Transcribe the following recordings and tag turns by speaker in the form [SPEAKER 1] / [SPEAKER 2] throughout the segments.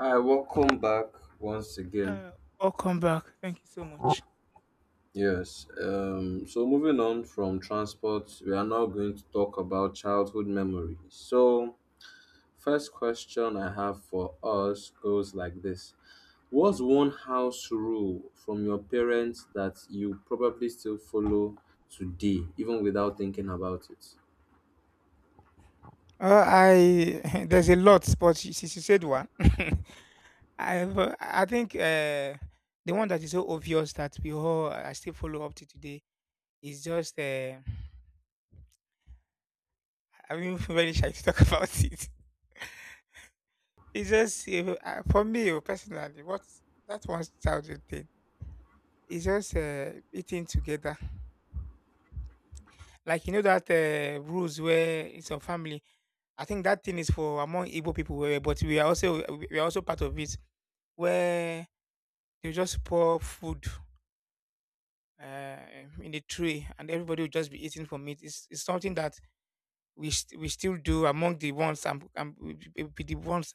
[SPEAKER 1] Hi, welcome back once again.
[SPEAKER 2] Uh, Welcome back. Thank you so much.
[SPEAKER 1] Yes, so moving on from transport, we are now going to talk about childhood memories. So, first question I have for us goes like this. What's one house rule from your parents that you probably still follow today, even without thinking about it?
[SPEAKER 2] I there's a lot, but since you said one, I but I think the one that is so obvious that we all I still follow up to today is just I'm even very shy to talk about it. It's just for me, oh, personally, what that 1000 thing. It's just eating together, like you know that rules where it's a family. I think that thing is for among Igbo people, eh, but we are also part of it, where they will just pour food uh, in the tray and everybody will just be eating from it. It's something that we still do among the ones I'm with, the ones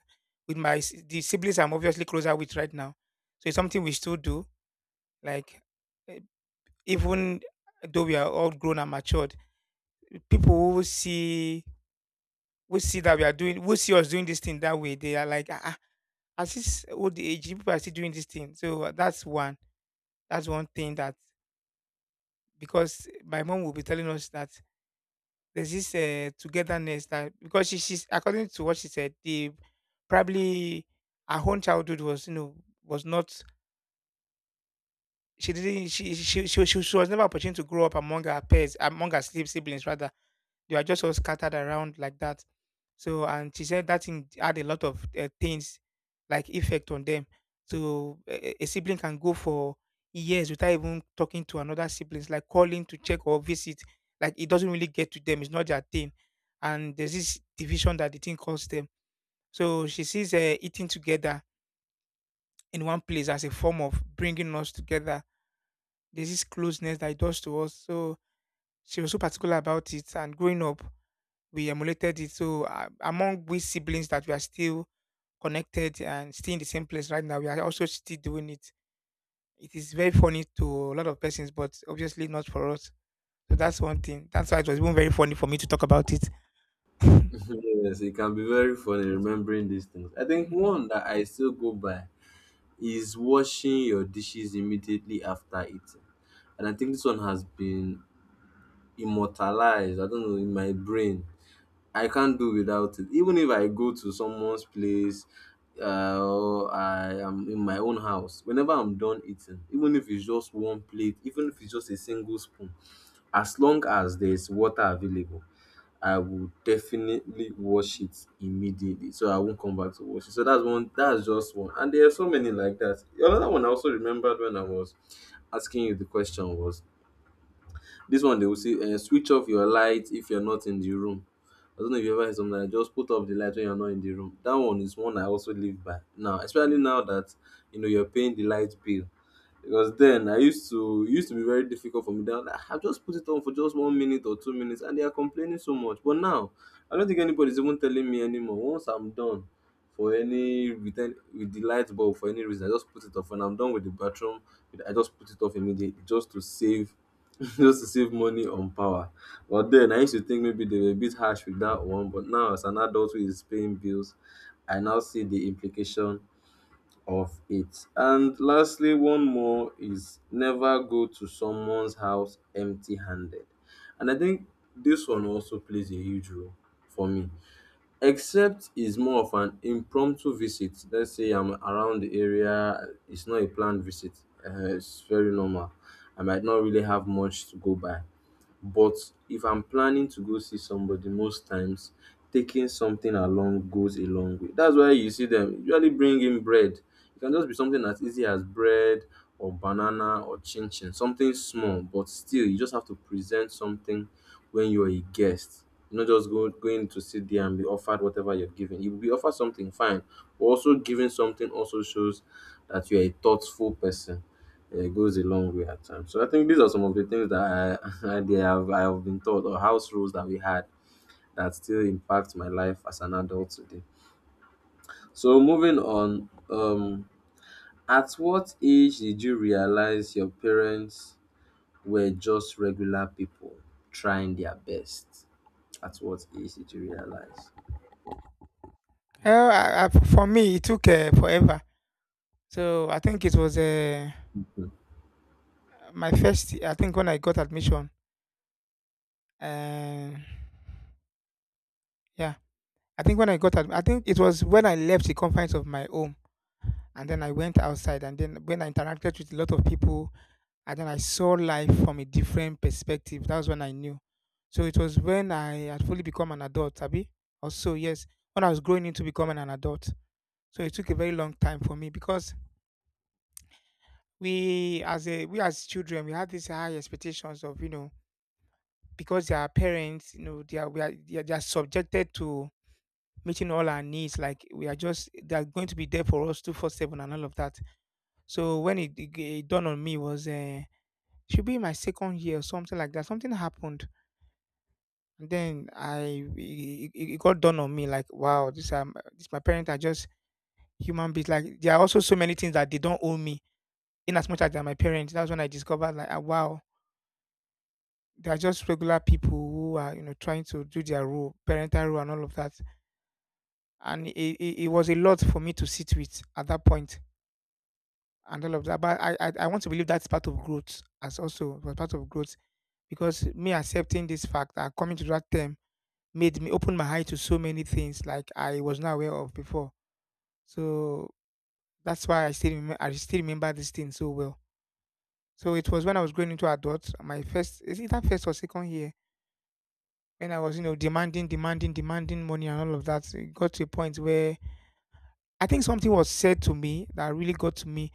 [SPEAKER 2] with the siblings I'm obviously closer with right now. So it's something we still do. Like, eh, even though we are all grown and matured, people who see that we are doing who see us doing this thing that way, they are like, ah, ah, at this old age, you people are still doing this thing. So that's one. That's one thing, that because my mom will be telling us that there's this togetherness, that because she's, according to what she said, the probably her own childhood was, you know, was not, she didn't she was never opportunity to grow up among her peers, among her siblings rather. They were just all scattered around like that. So, and she said that thing had a lot of things like effect on them. So, a sibling can go for years without even talking to another siblings, like calling to check or visit. Like it doesn't really get to them. It's not their thing. And there's this division that the thing caused them. So she sees eating together in one place as a form of bringing us together. There's this closeness that it does to us. So she was so particular about it. And growing up, we emulated it. So among we siblings that we are still connected and still in the same place right now, we are also still doing it. It is very funny to a lot of persons, but obviously not for us. So that's one thing. That's why it was even very funny for me to talk about it.
[SPEAKER 1] Yes, it can be very funny remembering these things. I think
[SPEAKER 2] Mhm.
[SPEAKER 1] one that I still go by is washing your dishes immediately after eating. And I think this one has been immortalized, I don't know, in my brain. I can't do without it. Even if I go to someone's place, or I am in my own house, whenever I'm done eating, even if it's just one plate, even if it's just a single spoon, as long as there's water available, I will definitely wash it immediately, so I won't come back to wash it. So that's one. That's just one, and there are so many like that. Another one I also remembered when I was asking you the question was this one they will say, switch off your light if you're not in the room. I don't know if you ever hear something like just put off the light when you're not in the room. That one is one I also live by now, especially now that you know you're paying the light bill. Because then I used to it used to be very difficult for me. Then I just put it on for just 1 minute or 2 minutes, and they are complaining so much. But now I don't think anybody's even telling me anymore. Once I'm done for any, with the light bulb for any reason, I just put it off. When I'm done with the bathroom, I just put it off immediately just to save just to save money on power. But then I used to think maybe they were a bit harsh with that one, but now as an adult who is paying bills, I now see the implication of it. And lastly, one more is never go to someone's house empty handed. And I think this one also plays a huge role for me. Except it's more of an impromptu visit. Let's say I'm around the area, it's not a planned visit. It's very normal. I might not really have much to go by. But if I'm planning to go see somebody most times, taking something along goes a long way. That's why you see them usually bring in bread. It can just be something as easy as bread or banana or chin chin, something small, but still you just have to present something when you're a guest. You're not just going to sit there and be offered whatever you're given. You will be offered something fine, but also giving something also shows that you're a thoughtful person. Yeah, it goes a long way at times. So I think these are some of the things that they have I have been taught, or house rules that we had that still impact my life as an adult today. So moving on, at what age did you realize your parents were just regular people trying their best? At what age did you realize?
[SPEAKER 2] Well, for me, it took forever. So I think it was my first. I think when I got admission, uh, yeah, I think when I got, I think it was when I left the confines of my home and then I went outside, and then when I interacted with a lot of people and then I saw life from a different perspective. That was when I knew. So it was when I had fully become an adult, Abi. Also, yes, when I was growing into becoming an adult. So it took a very long time for me because we as children we have these high expectations of, you know, because they are parents, you know, they are we are they are, they are subjected to meeting all our needs, like we are just they are going to be there for us 247 and all of that. So when it dawned on me was should be in my second year or something like that. Something happened, and then I it, it it got done on me. Like, wow, this this my parents are just human beings. Like, there are also so many things that they don't owe me, in as much as they're my parents. That's when I discovered, like, ah, wow, they are just regular people who are, you know, trying to do their role, parental role, and all of that. And it was a lot for me to sit with at that point and all of that. But I want to believe that's part of growth, as also was part of growth because me accepting this fact, that coming to that term, made me open my eye to so many things like I was not aware of before. So that's why I still remember this thing so well. So it was when I was growing into adult, my first, is it that first or second year, when I was, you know, demanding, demanding, demanding money and all of that. It got to a point where I think something was said to me that really got to me.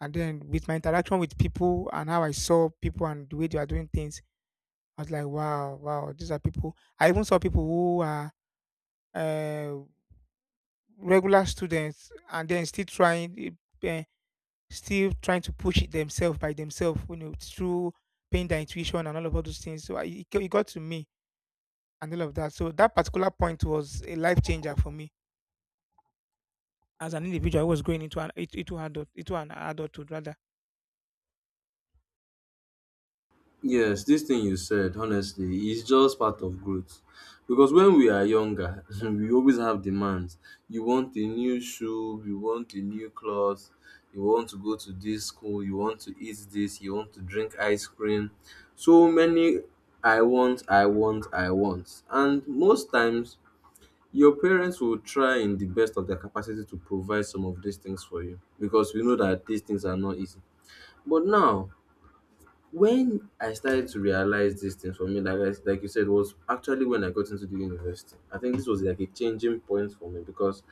[SPEAKER 2] And then with my interaction with people and how I saw people and the way they are doing things, I was like, wow, wow, these are people. I even saw people who are uh, regular students and then still trying uh, to push it themselves by themselves, you know, through paying their intuition and all of all those things. So it got to me and all of that. So that particular point was a life changer for me as an individual who was going into an it- into adult into an adulthood rather.
[SPEAKER 1] Yes, this thing you said, honestly, is just part of growth. Because when we are younger, we always have demands. You want a new shoe, you want a new clothes, you want to go to this school, you want to eat this, you want to drink ice cream. So many I want, I want, I want. And most times, your parents will try in the best of their capacity to provide some of these things for you, because we know that these things are not easy. But now, when I started to realize these things for me, like like you said, was actually when I got into the university. I think this was like a changing point for me, because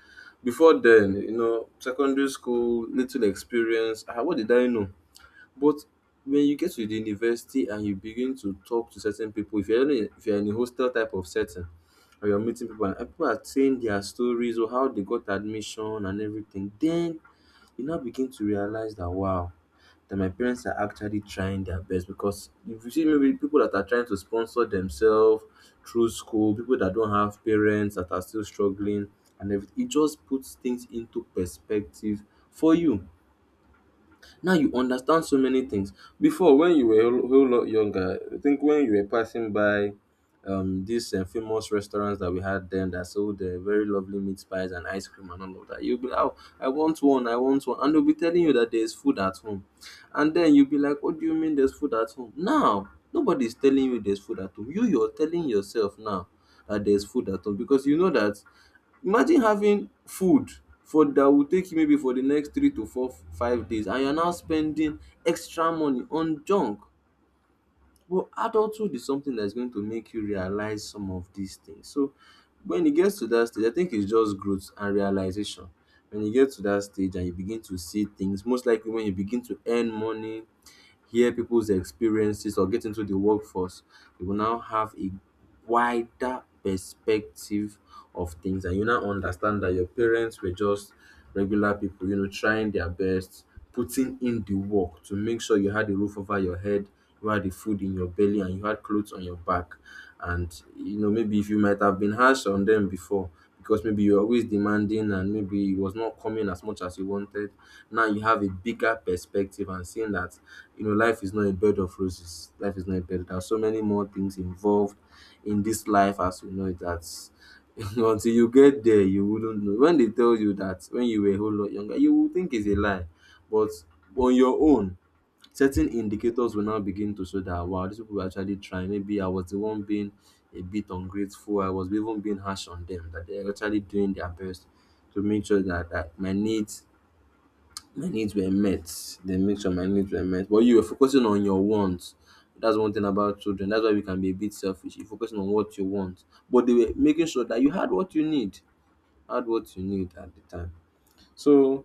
[SPEAKER 1] before then, you know, secondary school, little experience. Ah, what did I know? But when you get to the university and you begin to talk to certain people, if you're in a hostel type of setting, or you're meeting people and people are saying their stories or how they got admission and everything, then you now begin to realize that wow, that my parents are actually trying their best, because if you see maybe people that are trying to sponsor themselves through school, people that don't have parents that are still struggling and everything, it just puts things into perspective for you. Now you understand so many things. Before, when you were a whole lot younger, I think when you were passing by these famous restaurants that we had then that sold very lovely meat pies and ice cream and all of that, you'll be like, oh, I want one, I want one. And they'll be telling you that there's food at home. And then you'll be like, what do you mean there's food at home? Now, nobody's telling you there's food at home. You're telling yourself now that there's food at home because you know that. Imagine having food for that will take you maybe for the next 3 to 4, 5 days and you're now spending extra money on junk. But adulthood is something that's going to make you realize some of these things. So when it gets to that stage, I think it's just growth and realization. When you get to that stage and you begin to see things, most likely when you begin to earn money, hear people's experiences or get into the workforce, you will now have a wider perspective of things and you now understand that your parents were just regular people, you know, trying their best, putting in the work to make sure you had a roof over your head, you had the food in your belly and you had clothes on your back. And you know, maybe if you might have been harsh on them before, because maybe you're always demanding and maybe it was not coming as much as you wanted. Now you have a bigger perspective and seeing that you know life is not a bed of roses. Life is not a bed. There are so many more things involved in this life as we know it, that's until you get there you wouldn't know. When they tell you that when you were a whole lot younger you would think it's a lie, but on your own, certain indicators will now begin to show that wow, these people were actually trying. Maybe I was the one being a bit ungrateful. I was even being harsh on them. That they're actually doing their best to make sure that, my needs were met. They make sure my needs were met. But you were focusing on your wants. That's one thing about children. That's why we can be a bit selfish. You're focusing on what you want. But they were making sure that you had what you need. Had what you need at the time. So,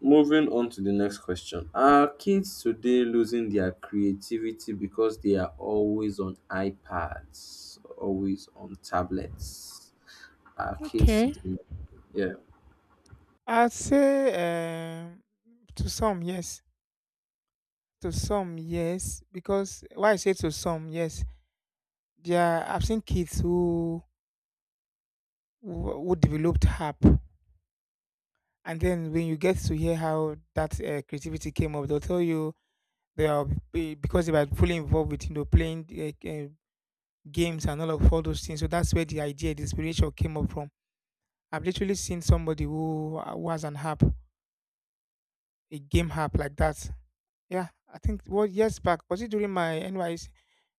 [SPEAKER 1] moving on to the next question. Are kids today losing their creativity because they are always on iPads, always on tablets? Are kids
[SPEAKER 2] Okay.
[SPEAKER 1] today? Yeah.
[SPEAKER 2] I'd say to some yes, to some yes, because why I say to some yes, there are, I've seen kids who who developed harp. And then when you get to hear how that creativity came up, they'll tell you they are, because they were fully involved with, you know, playing uh, uh, games and all of all those things. So that's where the idea, the inspiration came up from. I've literally seen somebody who was an app, a game app like that. Yeah, I think what years back was it, during my NYC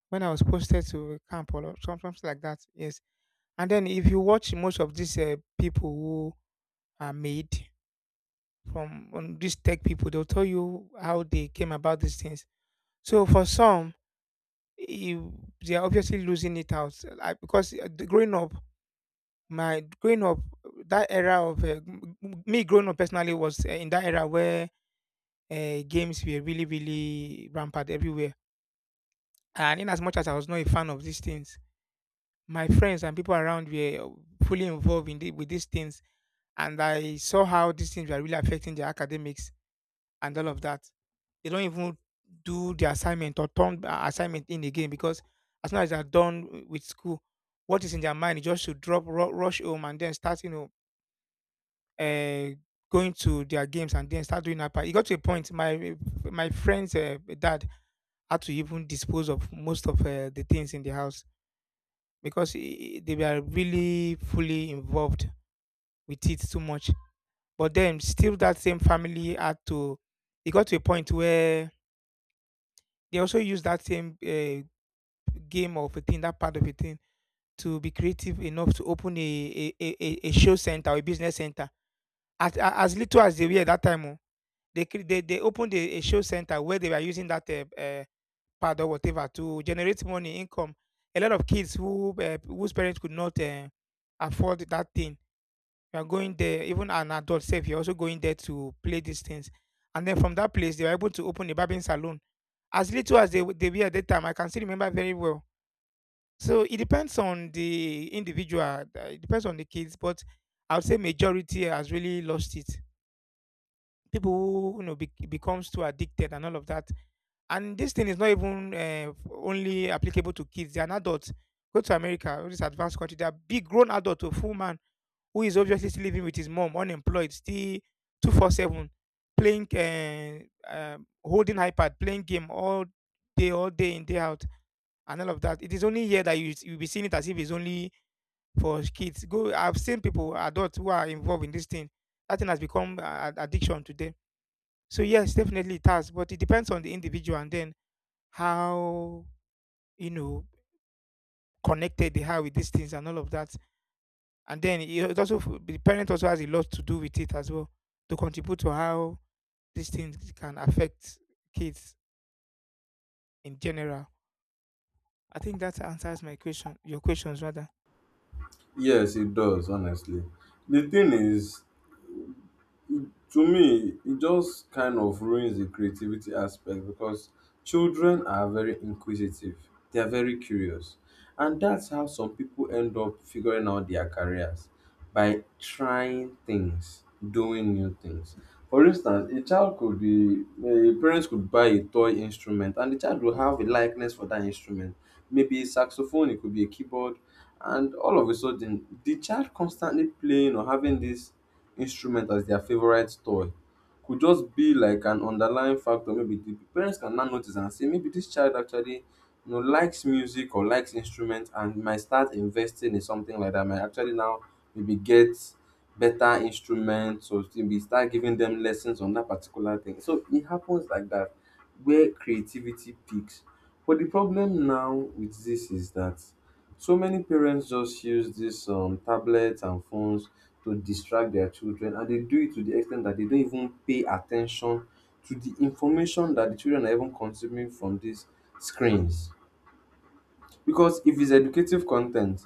[SPEAKER 2] when I was posted to a camp or something like that. Yes, and then if you watch most of these people who are made from these tech people, they'll tell you how they came about these things. So for some, you, they are obviously losing it out. Like because growing up, my growing up, that era of me growing up personally was in that era where games were really really rampant everywhere. And in as much as I was not a fan of these things, my friends and people around were fully involved in the, with these things, and I saw how these things were really affecting their academics and all of that. They don't even do the assignment or turn the assignment in again because as soon as they're done with school, what is in their mind is just to drop, rush home, and then start, you know, uh, going to their games and then start doing upper. It got to a point. My friend's dad had to even dispose of most of the things in the house because they were really fully involved with it too much. But then, still, that same family had to. It got to a point where they also use that same game of a thing, that part of a thing, to be creative enough to open a show center or a business center. As, as little as they were that time, oh, they they opened a show center where they were using that pad or whatever to generate money, income. A lot of kids who whose parents could not afford that thing, they are going there. Even an adult self, you're also going there to play these things. And then from that place, they were able to open a barbering salon, as little as they, they were at that time, I can still remember very well. So it depends on the individual. It depends on the kids, but I would say majority has really lost it. People who, you know, becomes too addicted and all of that. And this thing is not even only applicable to kids. They are adults. Go to America, all this advanced country. They are big grown adult to a full man who is obviously still living with his mom, unemployed, still 24/7, playing, holding iPad, playing game all day in day out, and all of that. It is only here that you will be seeing it as if it's only for kids. Go, I've seen people, adults who are involved in this thing. That thing has become addiction to them. So yes, definitely it has, but it depends on the individual and then how, you know, connected they are with these things and all of that. And then it also the parent also has a lot to do with it as well to contribute to how these things can affect kids in general. I think that answers my question, your questions rather.
[SPEAKER 1] Yes, it does, honestly. The thing is, to me, it just kind of ruins the creativity aspect because children are very inquisitive. They are very curious. And that's how some people end up figuring out their careers by trying things, doing new things. For instance, a child could be, a parents could buy a toy instrument and the child will have a likeness for that instrument. Maybe a saxophone, it could be a keyboard. And all of a sudden, the child constantly playing or having this instrument as their favorite toy could just be like an underlying factor. Maybe the parents can now notice and say, maybe this child actually you know likes music or likes instrument and might start investing in something like that. Might actually now maybe get better instruments or maybe start giving them lessons on that particular thing. So it happens like that where creativity peaks. But the problem now with this is that so many parents just use this tablets and phones to distract their children and they do it to the extent that they don't even pay attention to the information that the children are even consuming from these screens, because if it's educative content,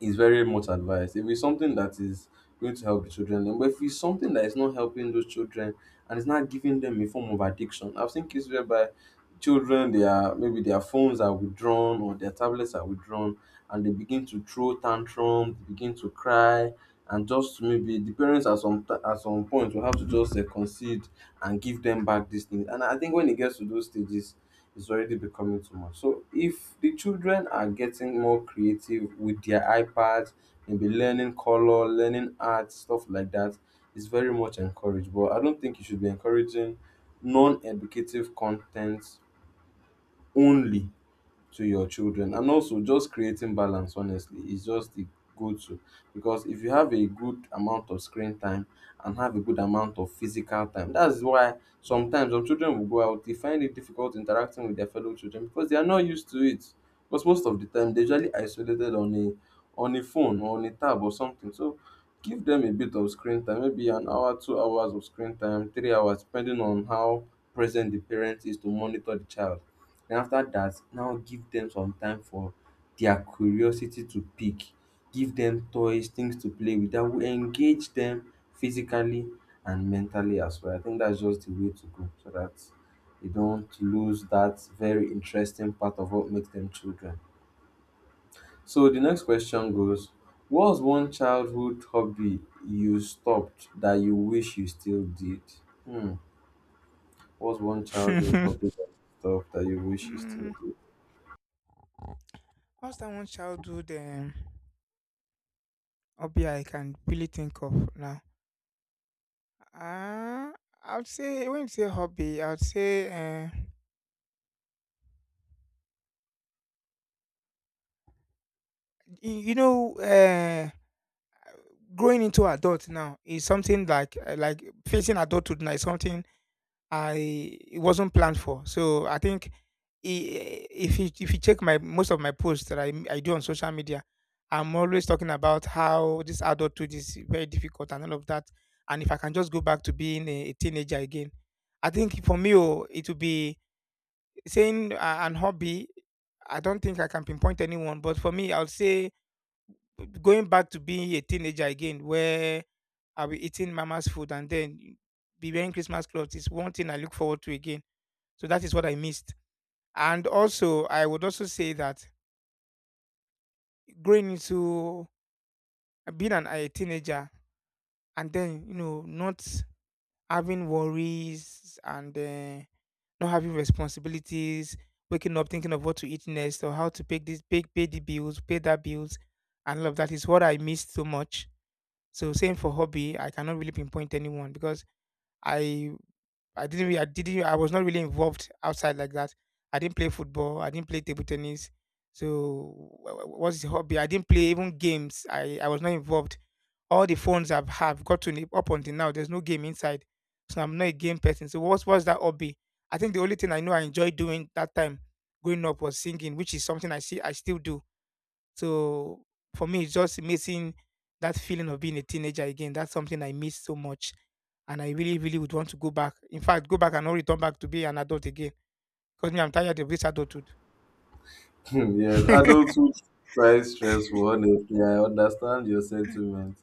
[SPEAKER 1] is very much advised. If it's something that is going to help the children, then but if it's something that is not helping those children and it's not giving them a form of addiction, I've seen cases whereby children they are maybe their phones are withdrawn or their tablets are withdrawn and they begin to throw tantrums, begin to cry, and just maybe the parents at some point will have to just concede and give them back these things. And I think when it gets to those stages, it's already becoming too much. So if the children are getting more creative with their iPads, maybe learning color, learning art, stuff like that, it's very much encouraged. But I don't think you should be encouraging non-educative content only to your children, and also just creating balance honestly is just the go-to. Because if you have a good amount of screen time and have a good amount of physical time, that's why sometimes some children will go out, they find it difficult interacting with their fellow children because they are not used to it, because most of the time they're usually isolated on a phone or on a tab or something. So give them a bit of screen time, maybe an hour, 2 hours of screen time, 3 hours, depending on how present the parent is to monitor the child. Then after that, now give them some time for their curiosity to pick, give them toys, things to play with that will engage them physically and mentally as well. I think that's just the way to go, so that they don't lose that very interesting part of what makes them children. So the next question goes, what was one childhood hobby you stopped that you wish you still did? Hmm. What's one childhood hobby that you stopped that you wish you still
[SPEAKER 2] Mm,
[SPEAKER 1] did?
[SPEAKER 2] what's that one childhood? Hobby I can really think of now. Uh, I would say when you say hobby, I would say uh, you, you know uh, growing into adult now is something like facing adulthood now is something I it wasn't planned for. So I think if you check my most of my posts that I do on social media, I'm always talking about how this adulthood is very difficult and all of that. And if I can just go back to being a teenager again, I think for me, oh, it would be, saying an hobby, I don't think I can pinpoint anyone, but for me, I will say going back to being a teenager again, where I'll be eating mama's food and then be wearing Christmas clothes is one thing I look forward to again. So that is what I missed. And also, I would also say that growing into being a teenager and then, not having worries and not having responsibilities, waking up thinking of what to eat next or how to pay the bills, pay that bills, and all of that is what I missed so much. So same for hobby, I cannot really pinpoint anyone because I I didn't really, I didn't, I was not really involved outside like that. I didn't play football, I didn't play table tennis. So what's the hobby? I didn't play even games. I was not involved. All the phones I've have gotten up until now, there's no game inside. So I'm not a game person. So what's that hobby? I think the only thing I know I enjoyed doing that time growing up was singing, which is something I see I still do. So for me, it's just missing that feeling of being a teenager again. That's something I miss so much. And I really, really would want to go back. In fact, go back and not return back to be an adult again. Because me, I'm tired of this adulthood.
[SPEAKER 1] Yes, adulthood is quite stressful, honestly. I understand your sentiment.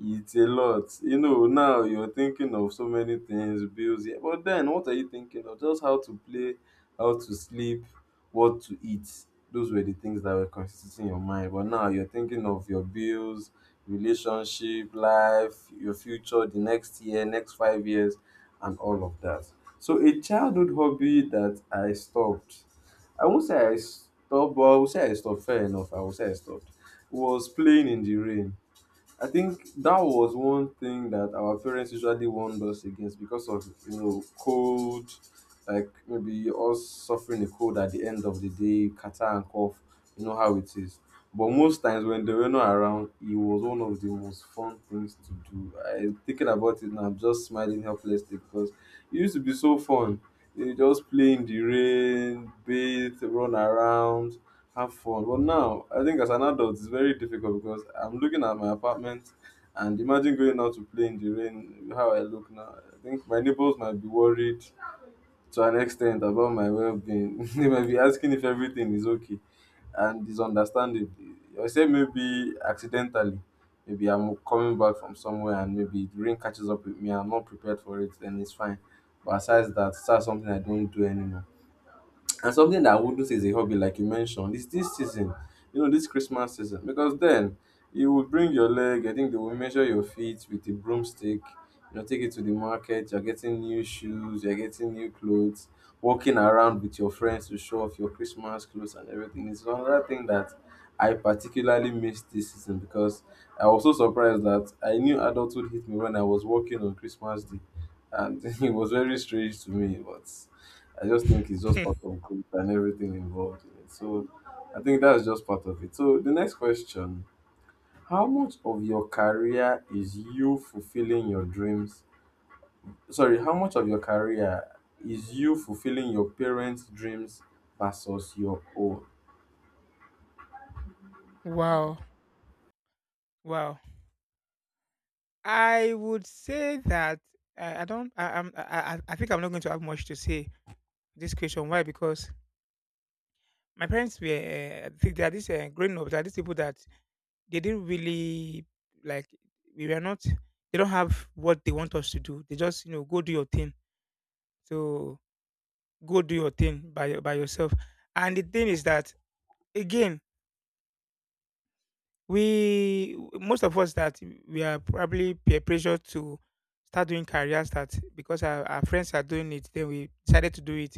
[SPEAKER 1] It's a lot. You know, now you're thinking of so many things, bills. Yeah, but then what are you thinking of? Just how to play, how to sleep, what to eat. Those were the things that were constituting your mind. But now you're thinking of your bills, relationship, life, your future, the next year, next 5 years, and all of that. So a childhood hobby that I stopped, I won't say I stopped, but I will say I stopped. Fair enough. I will say I stopped. Was playing in the rain. I think that was one thing that our parents usually warned us against because of, you know, cold, like maybe us suffering a cold at the end of the day, catarrh and cough. You know how it is. But most times when they were not around, it was one of the most fun things to do. I thinking about it now, I'm just smiling helplessly because it used to be so fun. You just play in the rain, bathe, run around, have fun. But now, I think as an adult, it's very difficult because I'm looking at my apartment and imagine going out to play in the rain, how I look now. I think my neighbors might be worried to an extent about my well being. They might be asking if everything is okay, and is understandable. I say maybe accidentally. Maybe I'm coming back from somewhere and maybe the rain catches up with me. I'm not prepared for it, then it's fine. But aside that, it's not something I don't do anymore. And something that I would do is a hobby, like you mentioned, is this season, you know, this Christmas season, because then you will bring your leg. I think they will measure your feet with a broomstick. You know, take it to the market. You're getting new shoes. You're getting new clothes. Walking around with your friends to show off your Christmas clothes and everything is another thing that I particularly missed this season, because I was so surprised that I knew adulthood hit me when I was working on Christmas Day, and it was very strange to me, but. I just think it's just part of growth and everything involved in it. So I think that's just part of it. So the next question, how much of your career is you fulfilling your dreams? Sorry, how much of your career is you fulfilling your parents' dreams versus your own?
[SPEAKER 2] Wow. Wow. I would say that I don't. I think I'm not going to have much to say this question. Why? Because my parents were. They are this growing up. They are these people that they didn't really like. We were not. They don't have what they want us to do. They just go do your thing. So go do your thing by yourself. And the thing is that again, We most of us that we are probably peer pressured to start doing career start because our friends are doing it, then we decided to do it.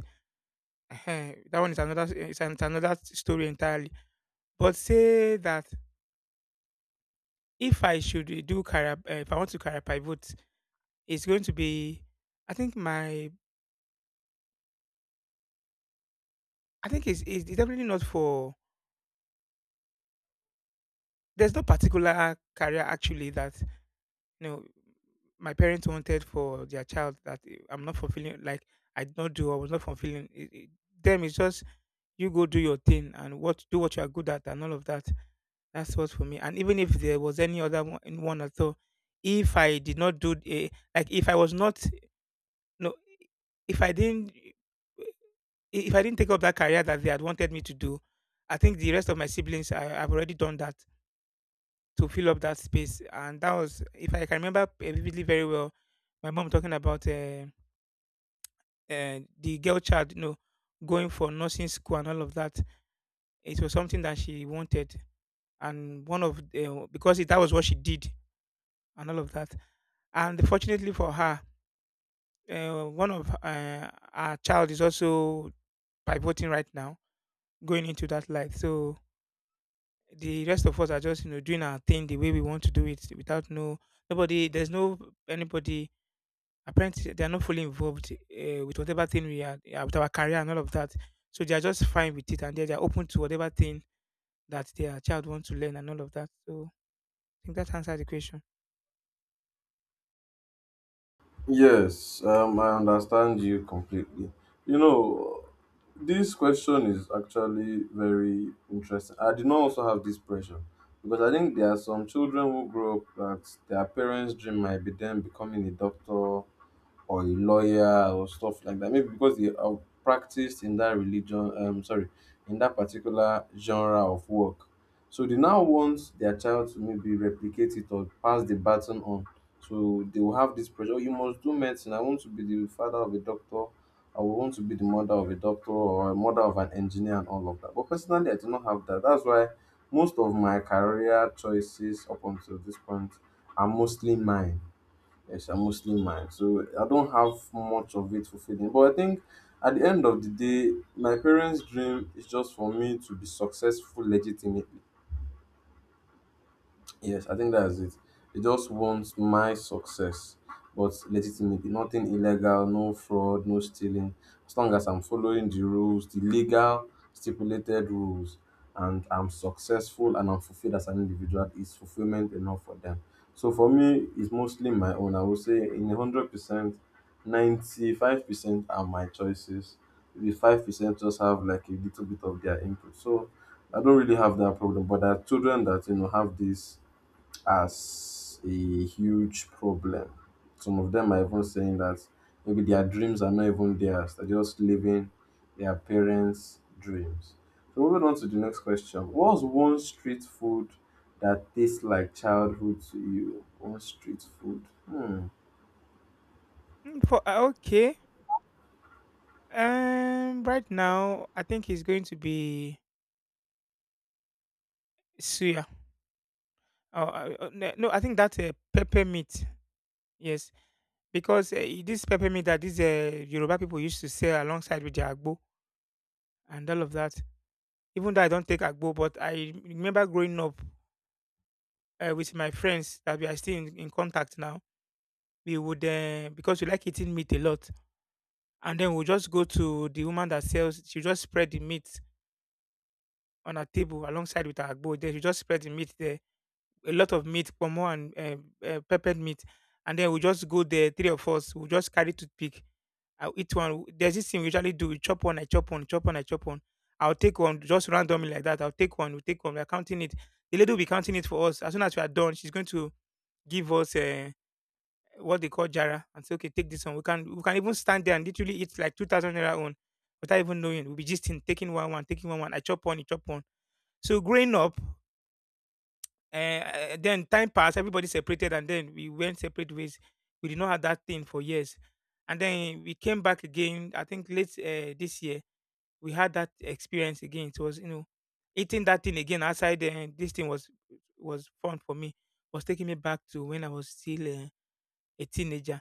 [SPEAKER 2] Ehen, that one is it's another story entirely. But say that if I should do career, if I want to career pivot, it's going to be, I think my, I think it's definitely not for. There's no particular career actually that you know my parents wanted for their child that I'm not fulfilling. Like I did not do, I was not fulfilling. It's just you go do your thing and what you are good at and all of that. That's what for me. And even if there was any other one, in one at all, if I did not do a, like if I was not, no, if I didn't eh, if I didn't take up that career that they had wanted me to do, I think the rest of my siblings have already done that to fill up that space. And that was if I can remember vividly very well, my mom talking about. And the girl child, going for nursing school and all of that. It was something that she wanted, and one of because it, that was what she did and all of that. And fortunately for her, one of our child is also pivoting right now, going into that light. So the rest of us are just doing our thing the way we want to do it without no nobody. There's no anybody. Apparently they are not fully involved with whatever thing we are, yeah, with our career and all of that. So they are just fine with it and they are open to whatever thing that their child wants to learn and all of that. So I think that answers the question.
[SPEAKER 1] Yes, I understand you completely. You know, this question is actually very interesting. I did not also have this pressure because I think there are some children who grow up that their parents' dream might be them becoming a doctor or a lawyer or stuff like that. Maybe because they have practiced in that religion, sorry, in that particular genre of work. So they now want their child to maybe replicate it or pass the baton on. So they will have this pressure. "Oh, you must do medicine. I want to be the father of a doctor. I would want to be the mother of a doctor or a mother of an engineer and all of that." But personally, I do not have that. That's why most of my career choices up until this point are mostly mine. Yes, I'm Muslim man, so I don't have much of it fulfilling. But I think at the end of the day, my parents' dream is just for me to be successful legitimately. Yes, I think that's it. They just want my success, but legitimately, nothing illegal, no fraud, no stealing. As long as I'm following the rules, the legal stipulated rules, and I'm successful and I'm fulfilled as an individual, is fulfillment enough for them? So for me, it's mostly my own. I would say in 100%, 95% are my choices. Maybe 5% just have like a little bit of their input. So I don't really have that problem, but there are children that, you know, have this as a huge problem. Some of them are even saying that maybe their dreams are not even theirs, they're just living their parents' dreams. So, moving on to the next question, what's one street food that tastes like childhood to you? One street food. Hmm.
[SPEAKER 2] Okay. Right now, I think it's going to be suya. Oh, no, no, I think that's a pepper meat. Yes, because this pepper meat that these Yoruba people used to sell alongside with their agbo and all of that. Even though I don't take agbo, but I remember growing up with my friends that we are still in contact now. We would Because we like eating meat a lot, and then we'll just go to the woman that sells. She just spread the meat on her table alongside with her agbo. Then she just spread the meat there. A lot of meat, pomo and peppered meat, and then we just go there. Three of us, we just carry toothpick. I'll eat one. There's this thing we usually do. We chop one, I chop one, I chop one. I'll take one just randomly like that. I'll take one, we take one. We're counting it. The lady will be counting it for us. As soon as we are done, she's going to give us what they call jara and say, okay, take this one. We can even stand there and literally eat like ₦2,000 own without even knowing. We'll be just in taking one one, taking one one. I chop one, you chop one. So growing up, then time passed, everybody separated, and then we went separate ways. We did not have that thing for years, and then we came back again. I think late this year we had that experience again. It was eating that thing again outside. This thing was fun for me, was taking me back to when I was still a teenager,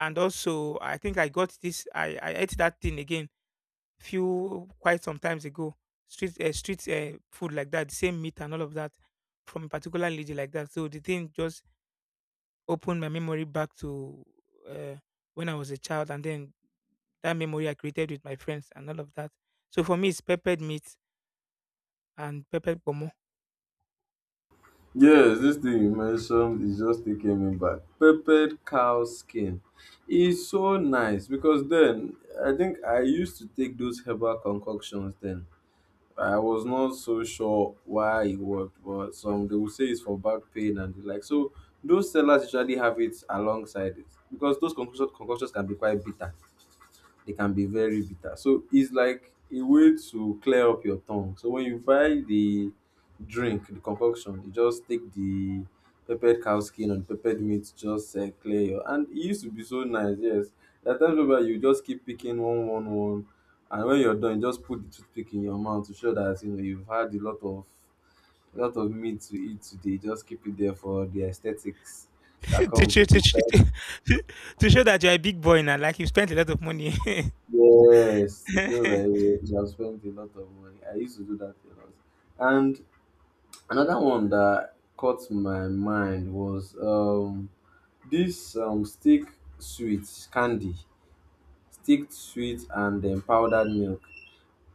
[SPEAKER 2] and also I think I got this. I ate that thing again few quite some times ago. Street food like that, same meat and all of that from a particular lady like that. So the thing just opened my memory back to uh, when I was a child, and then that memory I created with my friends and all of that. So for me, it's peppered meat and peppered pomo.
[SPEAKER 1] Yes, this thing you mentioned is just taking me back. Peppered cow skin is so nice, because then I think I used to take those herbal concoctions then. I was not so sure why it worked, but some they will say it's for back pain and the like. So those sellers usually have it alongside it because those concoctions can be quite bitter, they can be very bitter. So it's like a way to clear up your tongue. So when you buy the drink, the concoction, you just take the peppered cow skin and peppered meat, just clear your. And it used to be so nice, yes. There are times whereby you just keep picking one, one, one, and when you're done, you just put the toothpick in your mouth to show that, you know, you've had a lot of meat to eat today. Just keep it there for the aesthetics that
[SPEAKER 2] to,
[SPEAKER 1] comes
[SPEAKER 2] show,
[SPEAKER 1] with
[SPEAKER 2] to, show,
[SPEAKER 1] it.
[SPEAKER 2] to show that you're a big boy now. Like you spent a lot of money.
[SPEAKER 1] Yes, it shows that you have spent a lot of money. I used to do that a lot. And another one that caught my mind was this stick sweet candy, stick sweet and then powdered milk.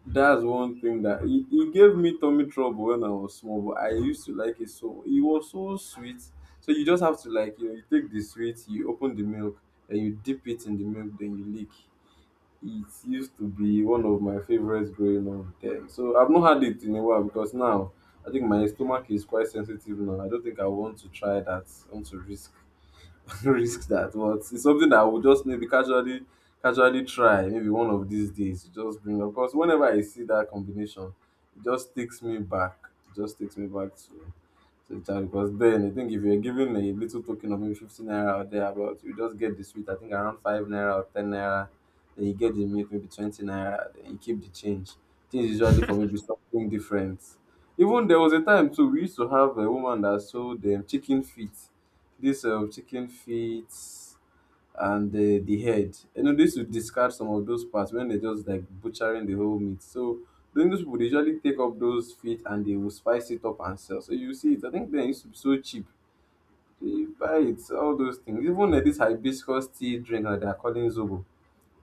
[SPEAKER 1] That's one thing that it gave me tummy trouble when I was small, but I used to like it so it was so sweet. So you just have to, like, you know, you take the sweet, you open the milk, and you dip it in the milk, then you lick. It used to be one of my favorites growing up then. So I've not had it in a while because now I think my stomach is quite sensitive now. I don't think I want to try that. I want to risk risk that. But it's something that I would just maybe casually try maybe one of these days. Just bring up because whenever I see that combination, it just takes me back. It just takes me back to, so it are- because then I think if you're giving a little token of maybe 50 naira or thereabout, you just get the sweet, I think around 5 naira or 10 naira. Then you get the milk, maybe 20 naira. Then you keep the change. Things usually for maybe something different. Even there was a time too, we used to have a woman that sold chicken feet. This chicken feet and the head. You know, they used to discard some of those parts when they're just like butchering the whole meat. So during those people, they usually take up those feet and they will spice it up and sell. So you see it. I think they used to be so cheap. You buy it, so, all those things. Even like this hibiscus tea drink that they're calling Zobo.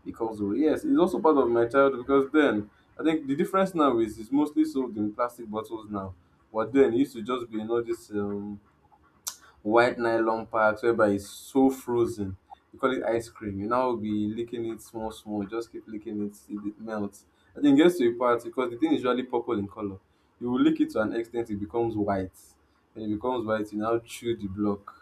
[SPEAKER 1] Because yes, it's also part of my childhood, because then I think the difference now is it's mostly sold in plastic bottles now. But then it used to just be in all this white nylon packs whereby it's so frozen. You call it ice cream. You now be licking it small, small. Just keep licking it till it melts. And then it gets to a part because the thing is usually purple in color. You will lick it to an extent, it becomes white. When it becomes white, you now chew the block.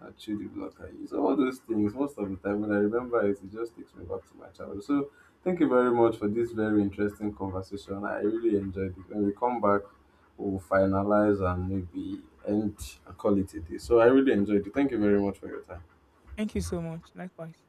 [SPEAKER 1] I chew the block. I use all those things most of the time. When I remember it, it just takes me back to my childhood. So thank you very much for this very interesting conversation. I really enjoyed it. When we come back, we'll finalize and maybe end and call it a day. So I really enjoyed it. Thank you very much for your time.
[SPEAKER 2] Thank you so much. Likewise.